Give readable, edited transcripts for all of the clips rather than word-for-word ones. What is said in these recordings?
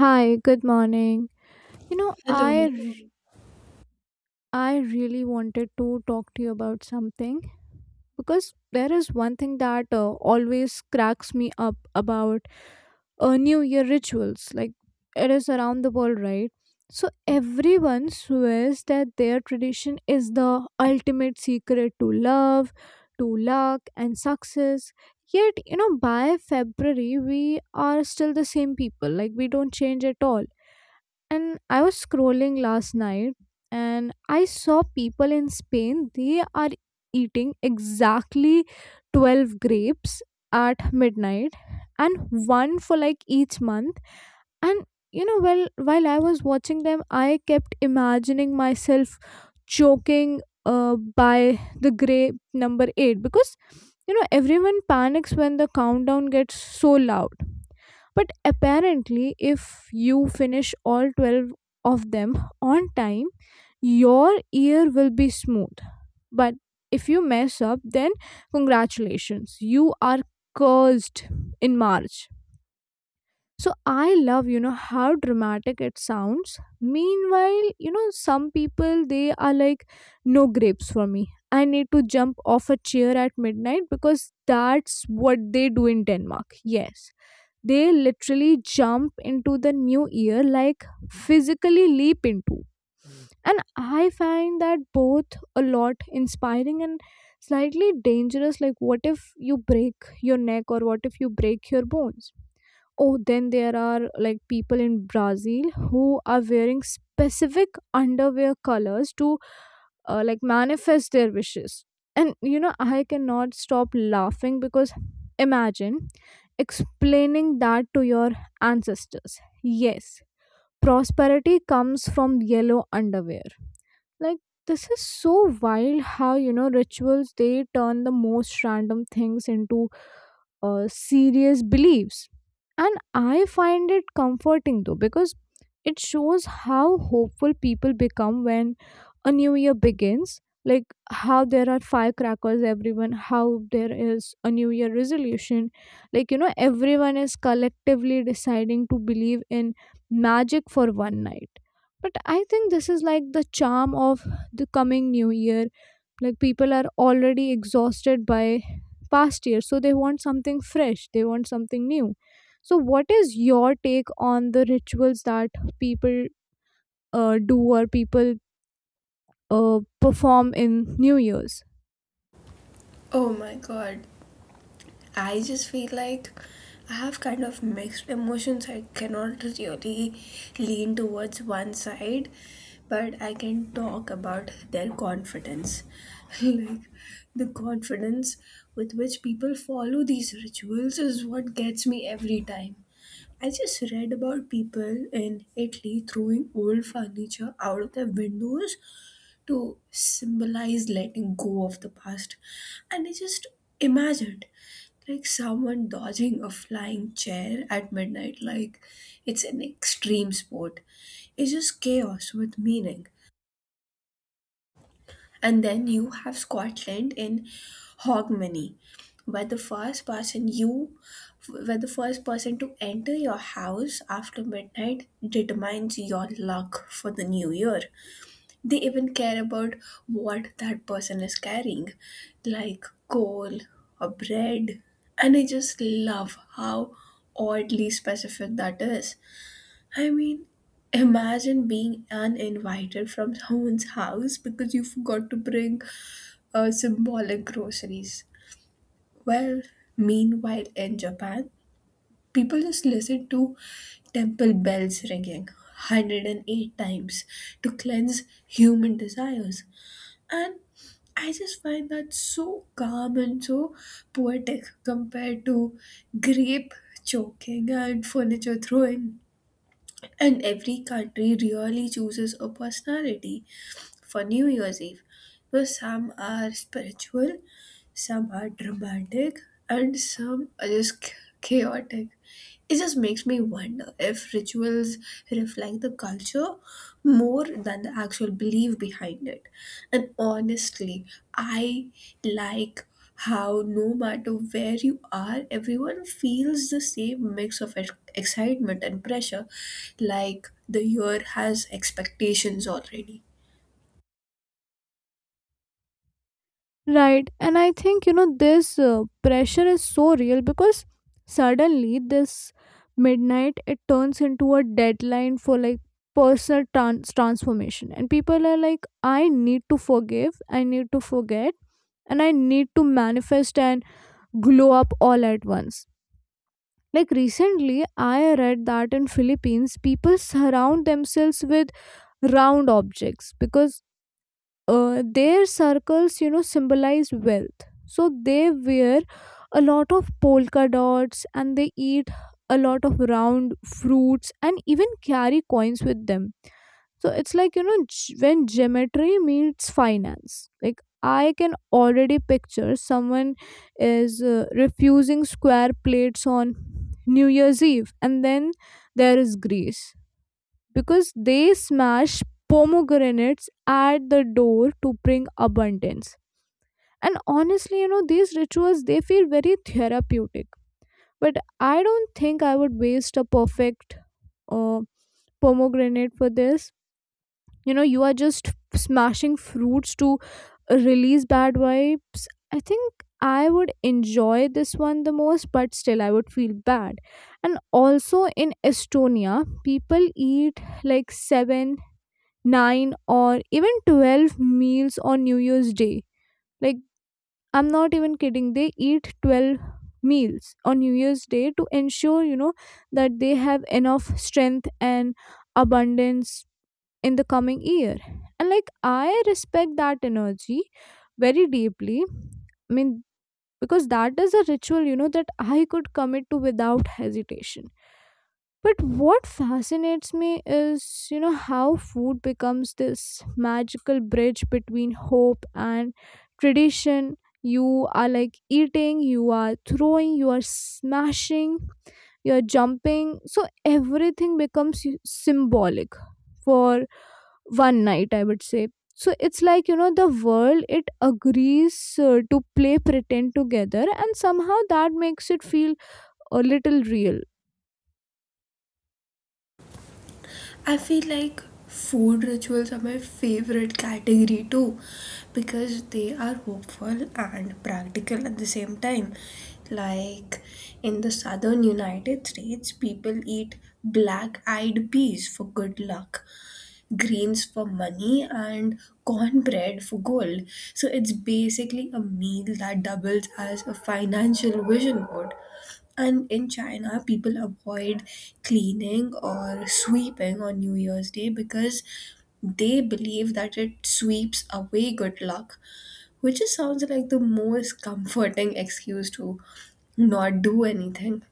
Hi, good morning. You know, Hello. I really wanted to talk to you about something because there is one thing that always cracks me up about New Year rituals. Like it is around the world, right? So everyone swears that their tradition is the ultimate secret to love, to luck and success. Yet, you know, by February we are still the same people. Like we don't change at all, and I was scrolling last night and I saw people in Spain, they are eating exactly 12 grapes at midnight and one for like each month. And you know, well, while I was watching them, I kept imagining myself choking by the grape number eight, because you know everyone panics when the countdown gets so loud. But apparently, if you finish all 12 of them on time, your year will be smooth. But if you mess up, then congratulations, you are cursed in March. So I love, you know, how dramatic it sounds. Meanwhile, you know, some people they are like, no grapes for me. I need to jump off a chair at midnight because that's what they do in Denmark. Yes, they literally jump into the new year, like physically leap into. And I find that both a lot inspiring and slightly dangerous, like what if you break your neck, or what if you break your bones. Oh, then there are like people in Brazil who are wearing specific underwear colors to like manifest their wishes. And you know, I cannot stop laughing because imagine explaining that to your ancestors. Yes, prosperity comes from yellow underwear. Like, this is so wild how you know rituals they turn the most random things into serious beliefs. And I find it comforting though, because it shows how hopeful people become when a new year begins. Like how there are firecrackers, everyone, how there is a new year resolution. Like, you know, everyone is collectively deciding to believe in magic for one night. But I think this is like the charm of the coming new year, like people are already exhausted by past years, so they want something fresh, they want something new. So what is your take on the rituals that people do, or people perform in new years? Oh my god. I just feel like I have kind of mixed emotions. I cannot really lean towards one side, but I can talk about their confidence. Like the confidence with which people follow these rituals is what gets me every time. I just read about people in Italy throwing old furniture out of their windows to symbolize letting go of the past. And I just imagined like someone dodging a flying chair at midnight, like it's an extreme sport. It's just chaos with meaning. And then you have Scotland in Hogmanay, where the first person you, where the first person to enter your house after midnight determines your luck for the new year. They even care about what that person is carrying, like coal or bread. And I just love how oddly specific that is. I mean, imagine being uninvited from someone's house because you forgot to bring symbolic groceries. Well, meanwhile, in Japan, people just listen to temple bells ringing 108 times to cleanse human desires. And I just find that so calm and so poetic compared to grape choking and furniture throwing. And every country really chooses a personality for New Year's Eve. Because some are spiritual, some are dramatic, and some are just chaotic. It just makes me wonder if rituals reflect the culture more than the actual belief behind it. And honestly, I like how no matter where you are, everyone feels the same mix of excitement and pressure, like the year has expectations already. Right. And I think, you know, this pressure is so real, because suddenly this midnight it turns into a deadline for like personal transformation. And people are like, I need to forgive, I need to forget, and I need to manifest and glow up all at once. Like recently, I read that in Philippines, people surround themselves with round objects because their circles you know symbolize wealth, so they wear a lot of polka dots and they eat a lot of round fruits and even carry coins with them. So it's like you know, when geometry meets finance, like I can already picture someone is refusing square plates on new year's eve. And then there is Greece, because they smash pomegranates at the door to bring abundance. And honestly, you know, these rituals they feel very therapeutic, but I don't think I would waste a perfect uh, pomegranate for this. You know, you are just smashing fruits to release bad vibes. I think I would enjoy this one the most, but still I would feel bad. And also in Estonia, people eat like seven, 9, or even 12 meals on new year's day. Like I'm not even kidding, they eat 12 meals on new year's day to ensure, you know, that they have enough strength and abundance in the coming year. And like I respect that energy very deeply. I mean, because that is a ritual, you know, that I could commit to without hesitation. But what fascinates me is, you know, how food becomes this magical bridge between hope and tradition. You are like eating, you are throwing, you are smashing, you are jumping. So everything becomes symbolic for one night, I would say. So it's like, you know, the world, it agrees to play pretend together, and somehow that makes it feel a little real. I feel like food rituals are my favorite category too, because they are hopeful and practical at the same time. Like in the southern United States, people eat black eyed peas for good luck, greens for money, and cornbread for gold. So it's basically a meal that doubles as a financial vision board. And in China, people avoid cleaning or sweeping on New Year's Day because they believe that it sweeps away good luck, which just sounds like the most comforting excuse to not do anything.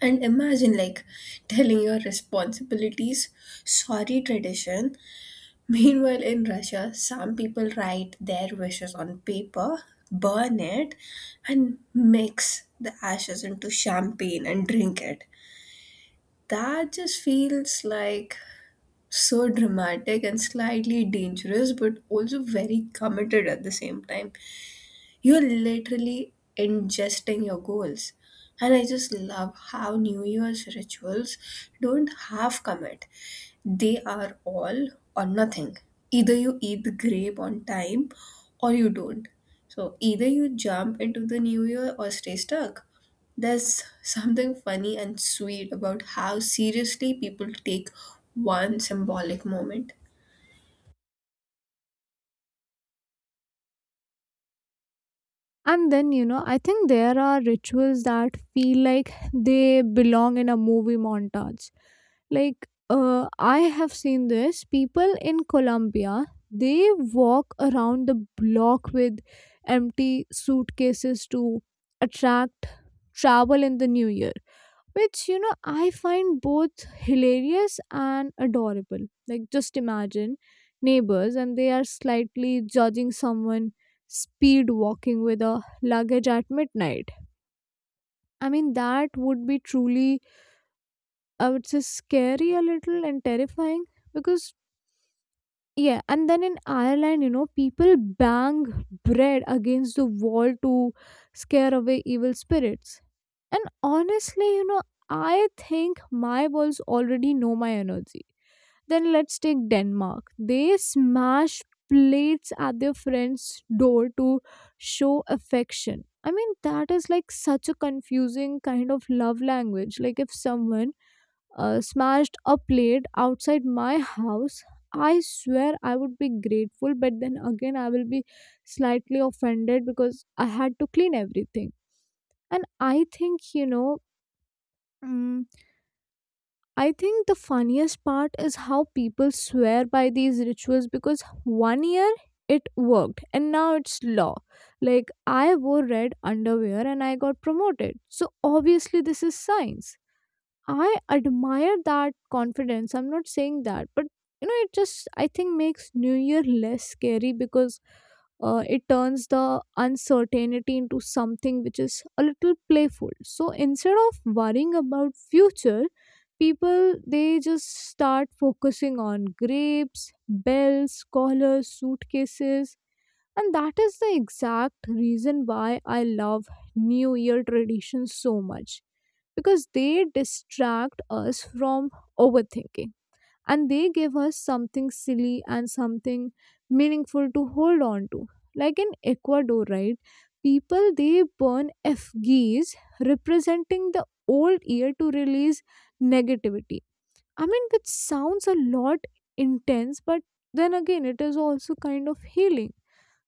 And imagine like telling your responsibilities, sorry tradition. Meanwhile, in Russia, some people write their wishes on paper, burn it, and mix the ashes into champagne and drink it. That just feels like so dramatic and slightly dangerous, but also very committed at the same time. You're literally ingesting your goals. And I just love how New Year's rituals don't half commit. They are all or nothing. Either you eat the grape on time or you don't. So either you jump into the new year or stay stuck. There's something funny and sweet about how seriously people take one symbolic moment. And then, you know, I think there are rituals that feel like they belong in a movie montage. Like, I have seen this. People in Colombia, they walk around the block with empty suitcases to attract travel in the new year, which you know I find both hilarious and adorable. Like just imagine neighbors, and they are slightly judging someone speed walking with a luggage at midnight. I mean, that would be truly, I would say, scary a little, and terrifying because yeah. And then in Ireland, you know, people bang bread against the wall to scare away evil spirits. And honestly, you know, I think my balls already know my energy. Then let's take Denmark. They smash plates at their friend's door to show affection. I mean, that is like such a confusing kind of love language. Like, if someone smashed a plate outside my house, I swear I would be grateful, but then again, I will be slightly offended because I had to clean everything. And I think you know, Mm, I think the funniest part is how people swear by these rituals, because one year it worked and now it's law. Like I wore red underwear and I got promoted. So obviously this is science. I admire that confidence. I'm not saying that, but you know, it just I think makes New Year less scary, because it turns the uncertainty into something which is a little playful. So instead of worrying about future, people they just start focusing on grapes, bells, collars, suitcases. And that is the exact reason why I love New Year traditions so much, because they distract us from overthinking, and they give us something silly and something meaningful to hold on to. Like in Ecuador, right? People they burn effigies representing the old year to release negativity. I mean, which sounds a lot intense, but then again it is also kind of healing.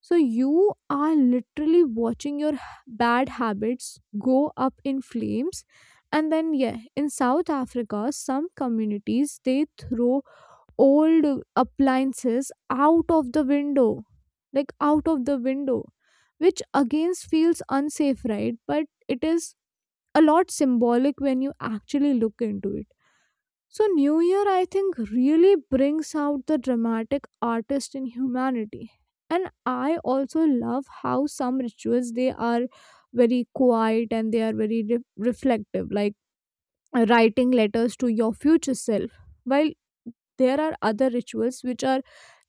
So you are literally watching your bad habits go up in flames. And then, yeah, in South Africa, some communities they throw old appliances out of the window, like out of the window, which again feels unsafe, right? But it is a lot symbolic when you actually look into it. So, New Year, I think, really brings out the dramatic artist in humanity. And I also love how some rituals they are very quiet and they are very reflective, like writing letters to your future self. While there are other rituals which are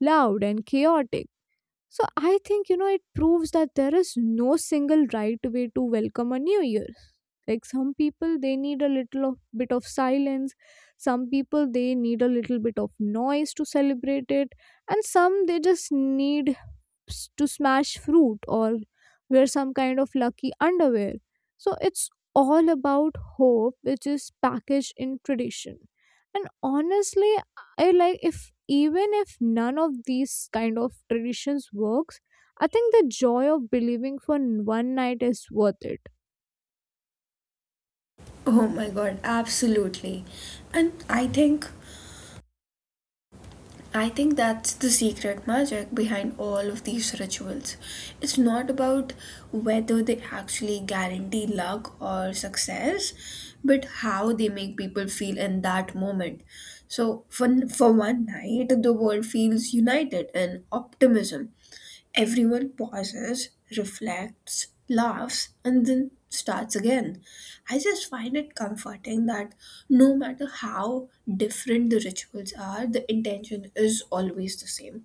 loud and chaotic, so I think, you know, it proves that there is no single right way to welcome a new year. Like some people, they need a little of, bit of silence. Some people, they need a little bit of noise to celebrate it. And some, they just need to smash fruit or wear some kind of lucky underwear. So it's all about hope, which is packaged in tradition. And honestly, I like if even if none of these kind of traditions works, I think the joy of believing for one night is worth it. Oh my god, absolutely. And I think that's the secret magic behind all of these rituals. It's not about whether they actually guarantee luck or success, but how they make people feel in that moment. So, for one night, the world feels united and optimism. Everyone pauses, reflects, laughs, and then starts again. I just find it comforting that no matter how different the rituals are, the intention is always the same.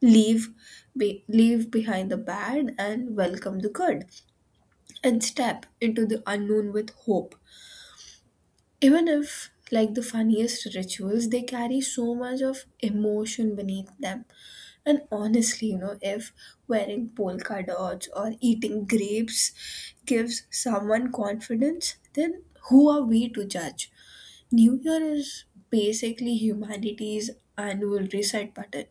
Leave Leave behind the bad and welcome the good, and step into the unknown with hope. Even if like the funniest rituals, they carry so much of emotion beneath them. And honestly, you know if wearing polka dots or eating grapes gives someone confidence, then who are we to judge? New Year is basically humanity's annual reset button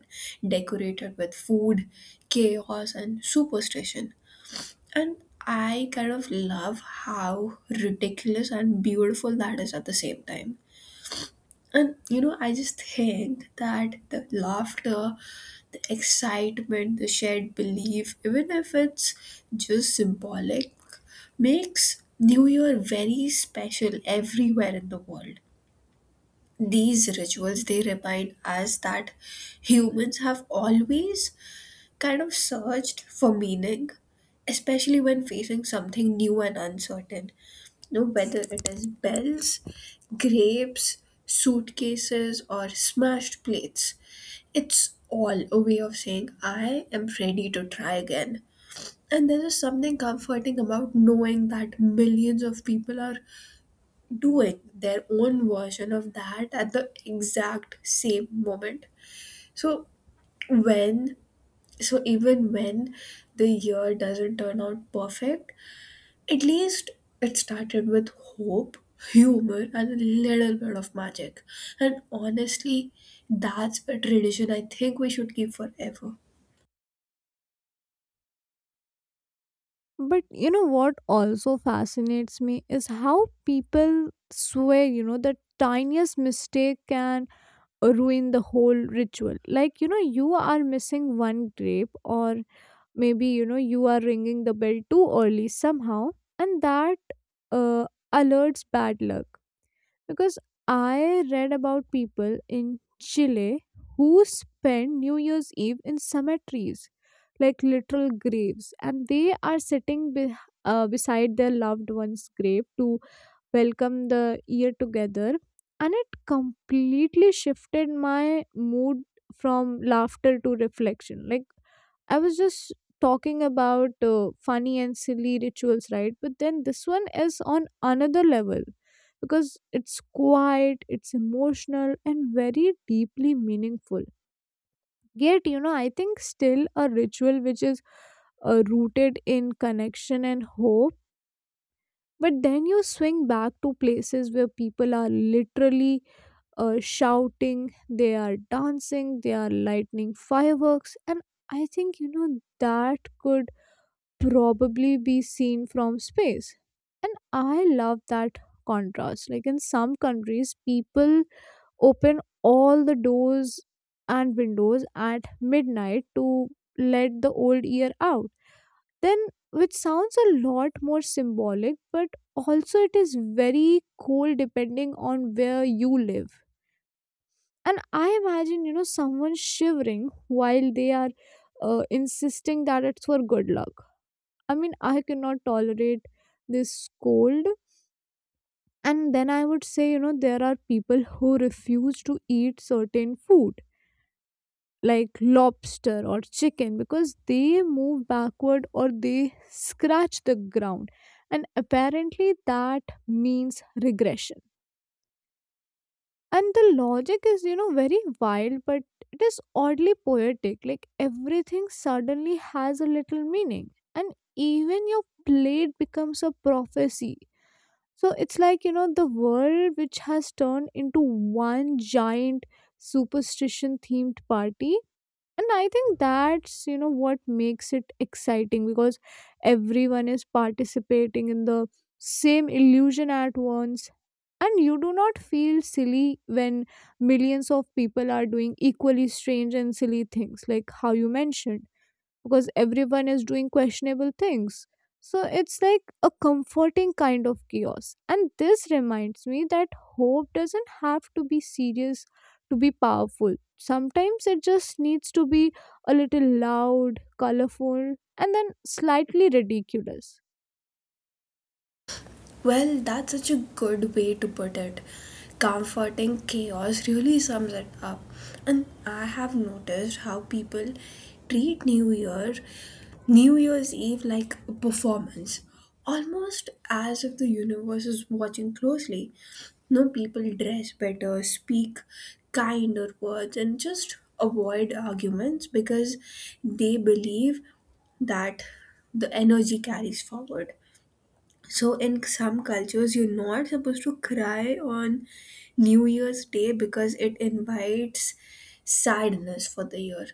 decorated with food, chaos, and superstition. And I kind of love how ridiculous and beautiful that is at the same time. And you know, I just think that the laughter, the excitement, the shared belief, even if it's just symbolic, makes New Year very special everywhere in the world. These rituals, they remind us that humans have always kind of searched for meaning, especially when facing something new and uncertain. No, whether it is bells, grapes, suitcases, or smashed plates, it's all a way of saying, I am ready to try again. And there is something comforting about knowing that millions of people are doing their own version of that at the exact same moment. So, when, so even when the year doesn't turn out perfect, at least it started with hope, humor, and a little bit of magic. And honestly, that's a tradition I think we should keep forever. But you know what also fascinates me is how people swear, you know, the tiniest mistake can ruin the whole ritual, like you know you are missing one grape, or maybe you know you are ringing the bell too early somehow, and that uh, alerts bad luck. Because I read about people in Chile who spend new year's eve in cemeteries, like literal graves, and they are sitting beside their loved one's grave to welcome the year together. And it completely shifted my mood from laughter to reflection. Like I was just talking about funny and silly rituals, right? But then this one is on another level, because it's quiet, it's emotional and very deeply meaningful. Yet you know, I think still a ritual which is rooted in connection and hope. But then you swing back to places where people are literally shouting, they are dancing, they are lightning fireworks, and I think you know that could probably be seen from space. And I love that contrast, like in some countries people open all the doors and windows at midnight to let the old year out then, which sounds a lot more symbolic, but also it is very cold depending on where you live. And I imagine, you know, someone shivering while they are insisting that it's for good luck. I mean, I cannot tolerate this cold. And then I would say, you know, there are people who refuse to eat certain food like lobster or chicken because they move backward or they scratch the ground, and apparently that means regression. And the logic is, you know, very wild, but it is oddly poetic, like everything suddenly has a little meaning, and even your plate becomes a prophecy. So it's like, the world which has turned into one giant superstition themed party. And I think that's, what makes it exciting, because everyone is participating in the same illusion at once. And you do not feel silly when millions of people are doing equally strange and silly things, like how you mentioned, because everyone is doing questionable things. So it's like a comforting kind of chaos. And this reminds me that hope doesn't have to be serious to be powerful. Sometimes it just needs to be a little loud, colorful, and then slightly ridiculous. Well, that's such a good way to put it. Comforting chaos really sums it up. And I have noticed how people treat New Year's Eve like a performance, almost as if the universe is watching closely. No, people dress better, speak kinder words, and just avoid arguments because they believe that the energy carries forward. So, in some cultures, you're not supposed to cry on New Year's Day because it invites sadness for the year.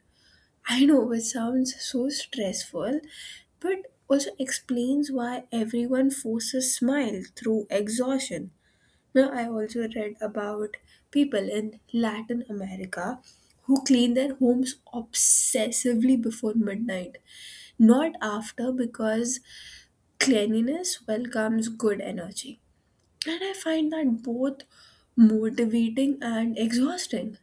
I know it sounds so stressful, but also explains why everyone forces smile through exhaustion. Now, I also read about people in Latin America who clean their homes obsessively before midnight, not after, because cleanliness welcomes good energy. And I find that both motivating and exhausting.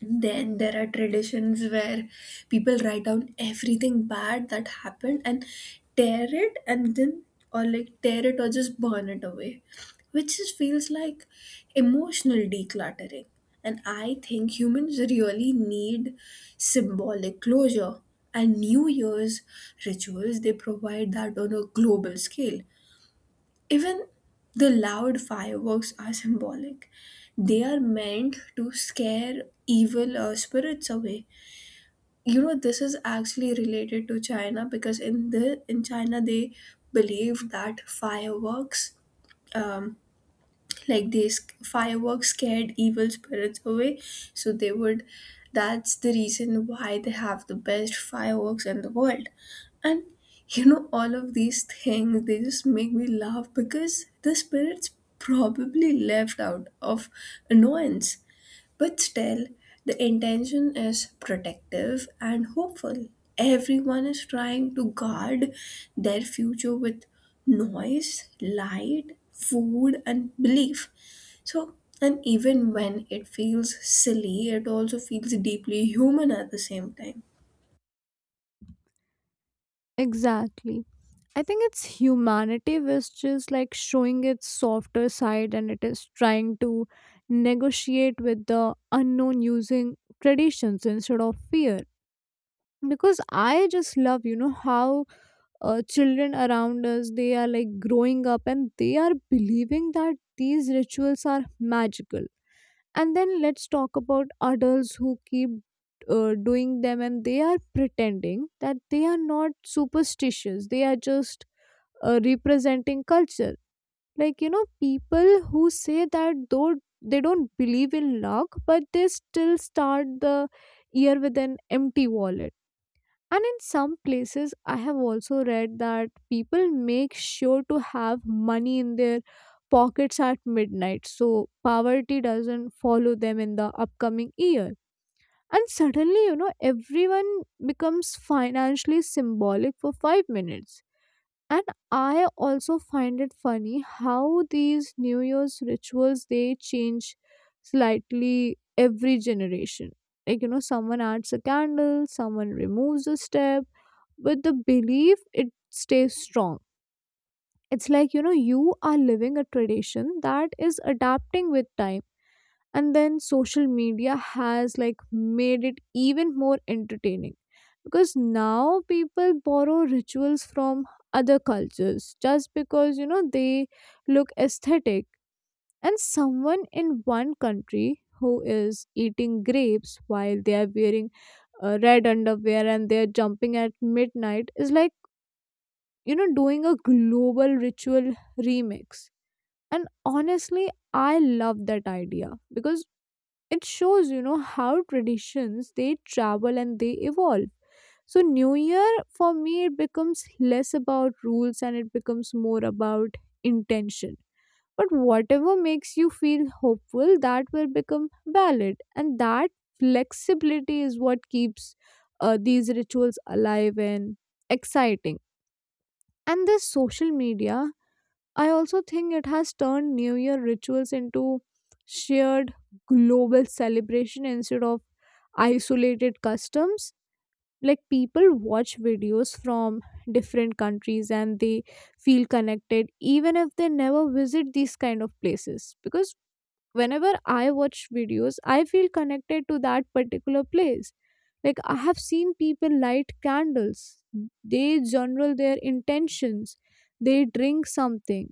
Then there are traditions where people write down everything bad that happened and tear it, and then or like tear it or just burn it away, which just feels like emotional decluttering. And I think humans really need symbolic closure, and New Year's rituals they provide that on a global scale. Even the loud fireworks are symbolic. They are meant to scare evil spirits away. You know, this is actually related to China, because in China they believe that fireworks um, like these fireworks scared evil spirits away, so they would, that's the reason why they have the best fireworks in the world. And you know all of these things, they just make me laugh because the spirits probably left out of annoyance. But still, the intention is protective and hopeful. Everyone is trying to guard their future with noise, light, food, and belief. So, and even when it feels silly, it also feels deeply human at the same time. Exactly. I think it's humanity which is like showing its softer side, and it is trying to negotiate with the unknown using traditions instead of fear. Because I just love how children around us, they are like growing up and they are believing that these rituals are magical. And then let's talk about adults who keep doing them, and they are pretending that they are not superstitious, they are just representing culture. Like, people who say that, though they don't believe in luck, but they still start the year with an empty wallet. And in some places, I have also read that people make sure to have money in their pockets at midnight, so poverty doesn't follow them in the upcoming year. And suddenly, you know, everyone becomes financially symbolic for 5 minutes. And I also find it funny how these New Year's rituals they change slightly every generation. Like, you know, someone adds a candle, someone removes a step with the belief it stays strong. It's like, you know, you are living a tradition that is adapting with time. And then social media has like made it even more entertaining, because now people borrow rituals from other cultures just because, you know, they look aesthetic. And someone in one country who is eating grapes while they are wearing red underwear and they are jumping at midnight is like, doing a global ritual remix. And honestly, I love that idea, because it shows how traditions, they travel and they evolve. So New Year for me, it becomes less about rules and it becomes more about intention. But whatever makes you feel hopeful, that will become valid, and that flexibility is what keeps these rituals alive and exciting. And this social media, I also think it has turned New Year rituals into shared global celebration instead of isolated customs. Like people watch videos from different countries and they feel connected even if they never visit these kind of places. Because whenever I watch videos, I feel connected to that particular place. Like I have seen people light candles, they journal their intentions, they drink something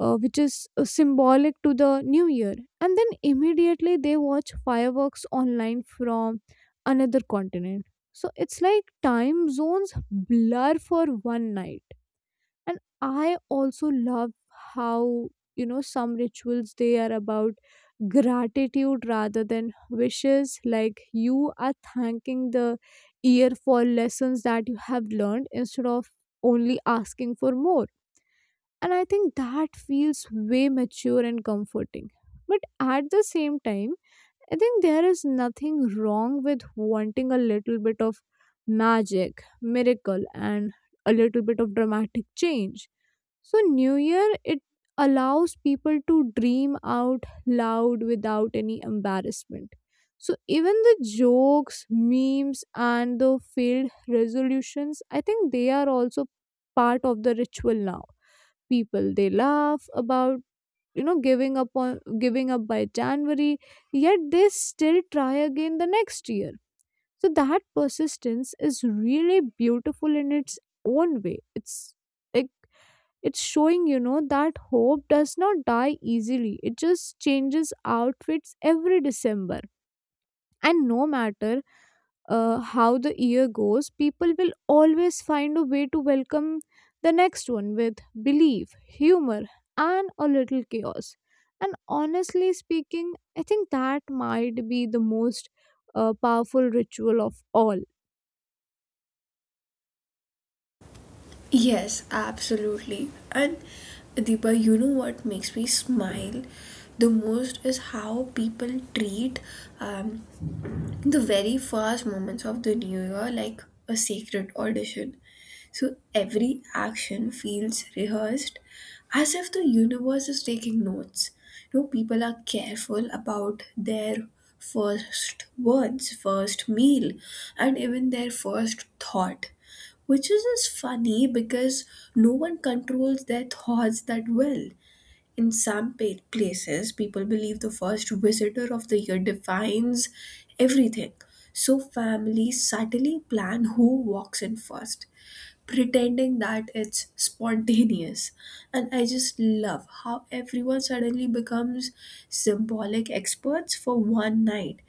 which is symbolic to the new year, and then immediately they watch fireworks online from another continent. So it's like time zones blur for one night. And I also love how, some rituals, they are about gratitude rather than wishes, like you are thanking the year for lessons that you have learned instead of only asking for more. And I think that feels way mature and comforting. But at the same time, I think there is nothing wrong with wanting a little bit of magic, miracle, and a little bit of dramatic change. So, New Year, it allows people to dream out loud without any embarrassment. So, even the jokes, memes, and the failed resolutions, I think they are also part of the ritual now. People, they laugh about, giving up on giving up by January, yet they still try again the next year. So that persistence is really beautiful in its own way. It's like, it's showing, that hope does not die easily, it just changes outfits every December. And no matter how the year goes, people will always find a way to welcome the next one with belief, humor, and a little chaos. And honestly speaking, I think that might be the most powerful ritual of all. Yes, absolutely. And Deepa, you know what makes me smile the most is how people treat um, the very first moments of the new year like a sacred audition. So every action feels rehearsed, as if the universe is taking notes. You know, people are careful about their first words, first meal, and even their first thought, which is just funny because no one controls their thoughts that well. In some places, people believe the first visitor of the year defines everything. So, families subtly plan who walks in first, pretending that it's spontaneous. And I just love how everyone suddenly becomes symbolic experts for one night.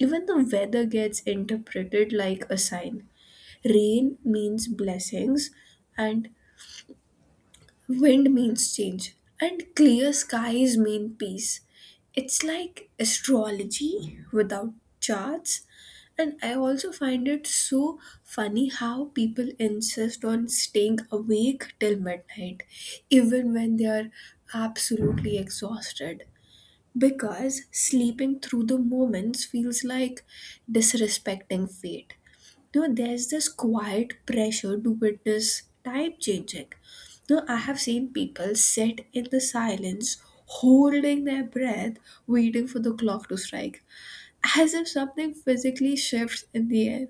Even the weather gets interpreted like a sign. Rain means blessings, and wind means change, and clear skies mean peace. It's like astrology without charts. And I also find it so funny how people insist on staying awake till midnight, even when they are absolutely exhausted. Because sleeping through the moments feels like disrespecting fate. No, there's this quiet pressure to witness time changing. No, I have seen people sit in the silence, holding their breath, waiting for the clock to strike, as if something physically shifts in the air.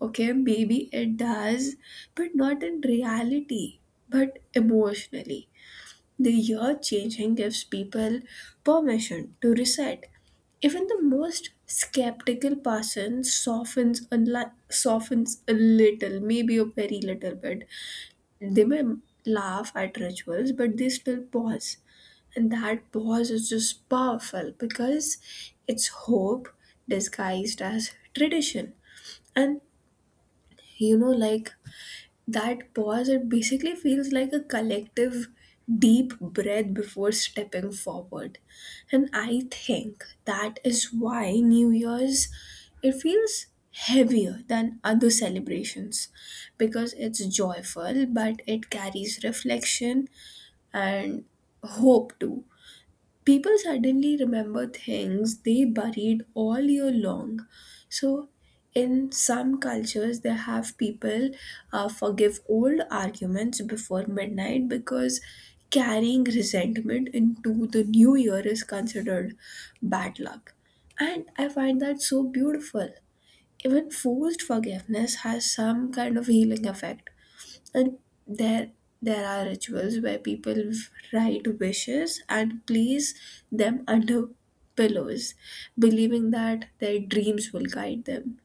Okay, maybe it does, but not in reality, but emotionally. The year changing gives people permission to reset. Even the most skeptical person softens softens a little, maybe a very little bit. They may laugh at rituals, but they still pause. And that pause is just powerful because it's hope disguised as tradition. And you know, like that pause, it basically feels like a collective deep breath before stepping forward. And I think that is why New Year's, it feels heavier than other celebrations, because it's joyful but it carries reflection and hope too. People suddenly remember things they buried all year long. So, in some cultures, they have people forgive old arguments before midnight because carrying resentment into the new year is considered bad luck. And I find that so beautiful. Even forced forgiveness has some kind of healing effect. And there there are rituals where people write wishes and place them under pillows, believing that their dreams will guide them.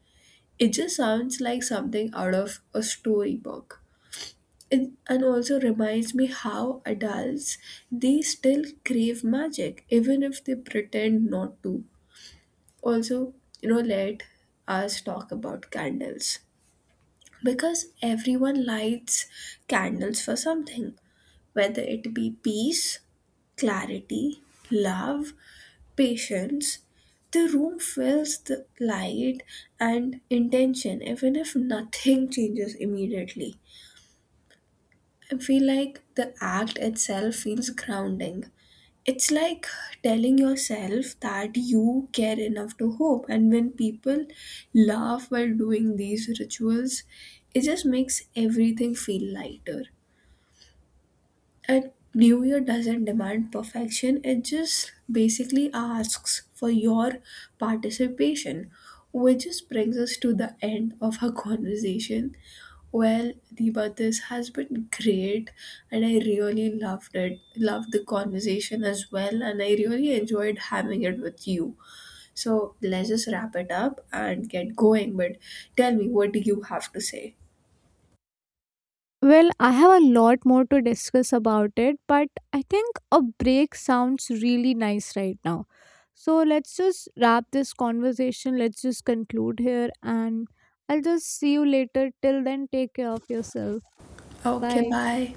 It just sounds like something out of a storybook. It, and also reminds me how adults, they still crave magic even if they pretend not to. Also, you know, let us talk about candles, because everyone lights candles for something, whether it be peace, clarity, love, patience. The room fills the light and intention, even if nothing changes immediately. I feel like the act itself feels grounding. It's like telling yourself that you care enough to hope. And when people laugh while doing these rituals, it just makes everything feel lighter. And New Year doesn't demand perfection, it just basically asks for your participation, which just brings us to the end of our conversation. Well, Deepa, this has been great, and I really loved it. Loved the conversation as well, and I really enjoyed having it with you. So let's just wrap it up and get going. But tell me, what do you have to say? Well, I have a lot more to discuss about it, but I think a break sounds really nice right now. So let's just wrap this conversation. Let's just conclude here, and I'll just see you later. Till then, take care of yourself. Okay, Bye. bye.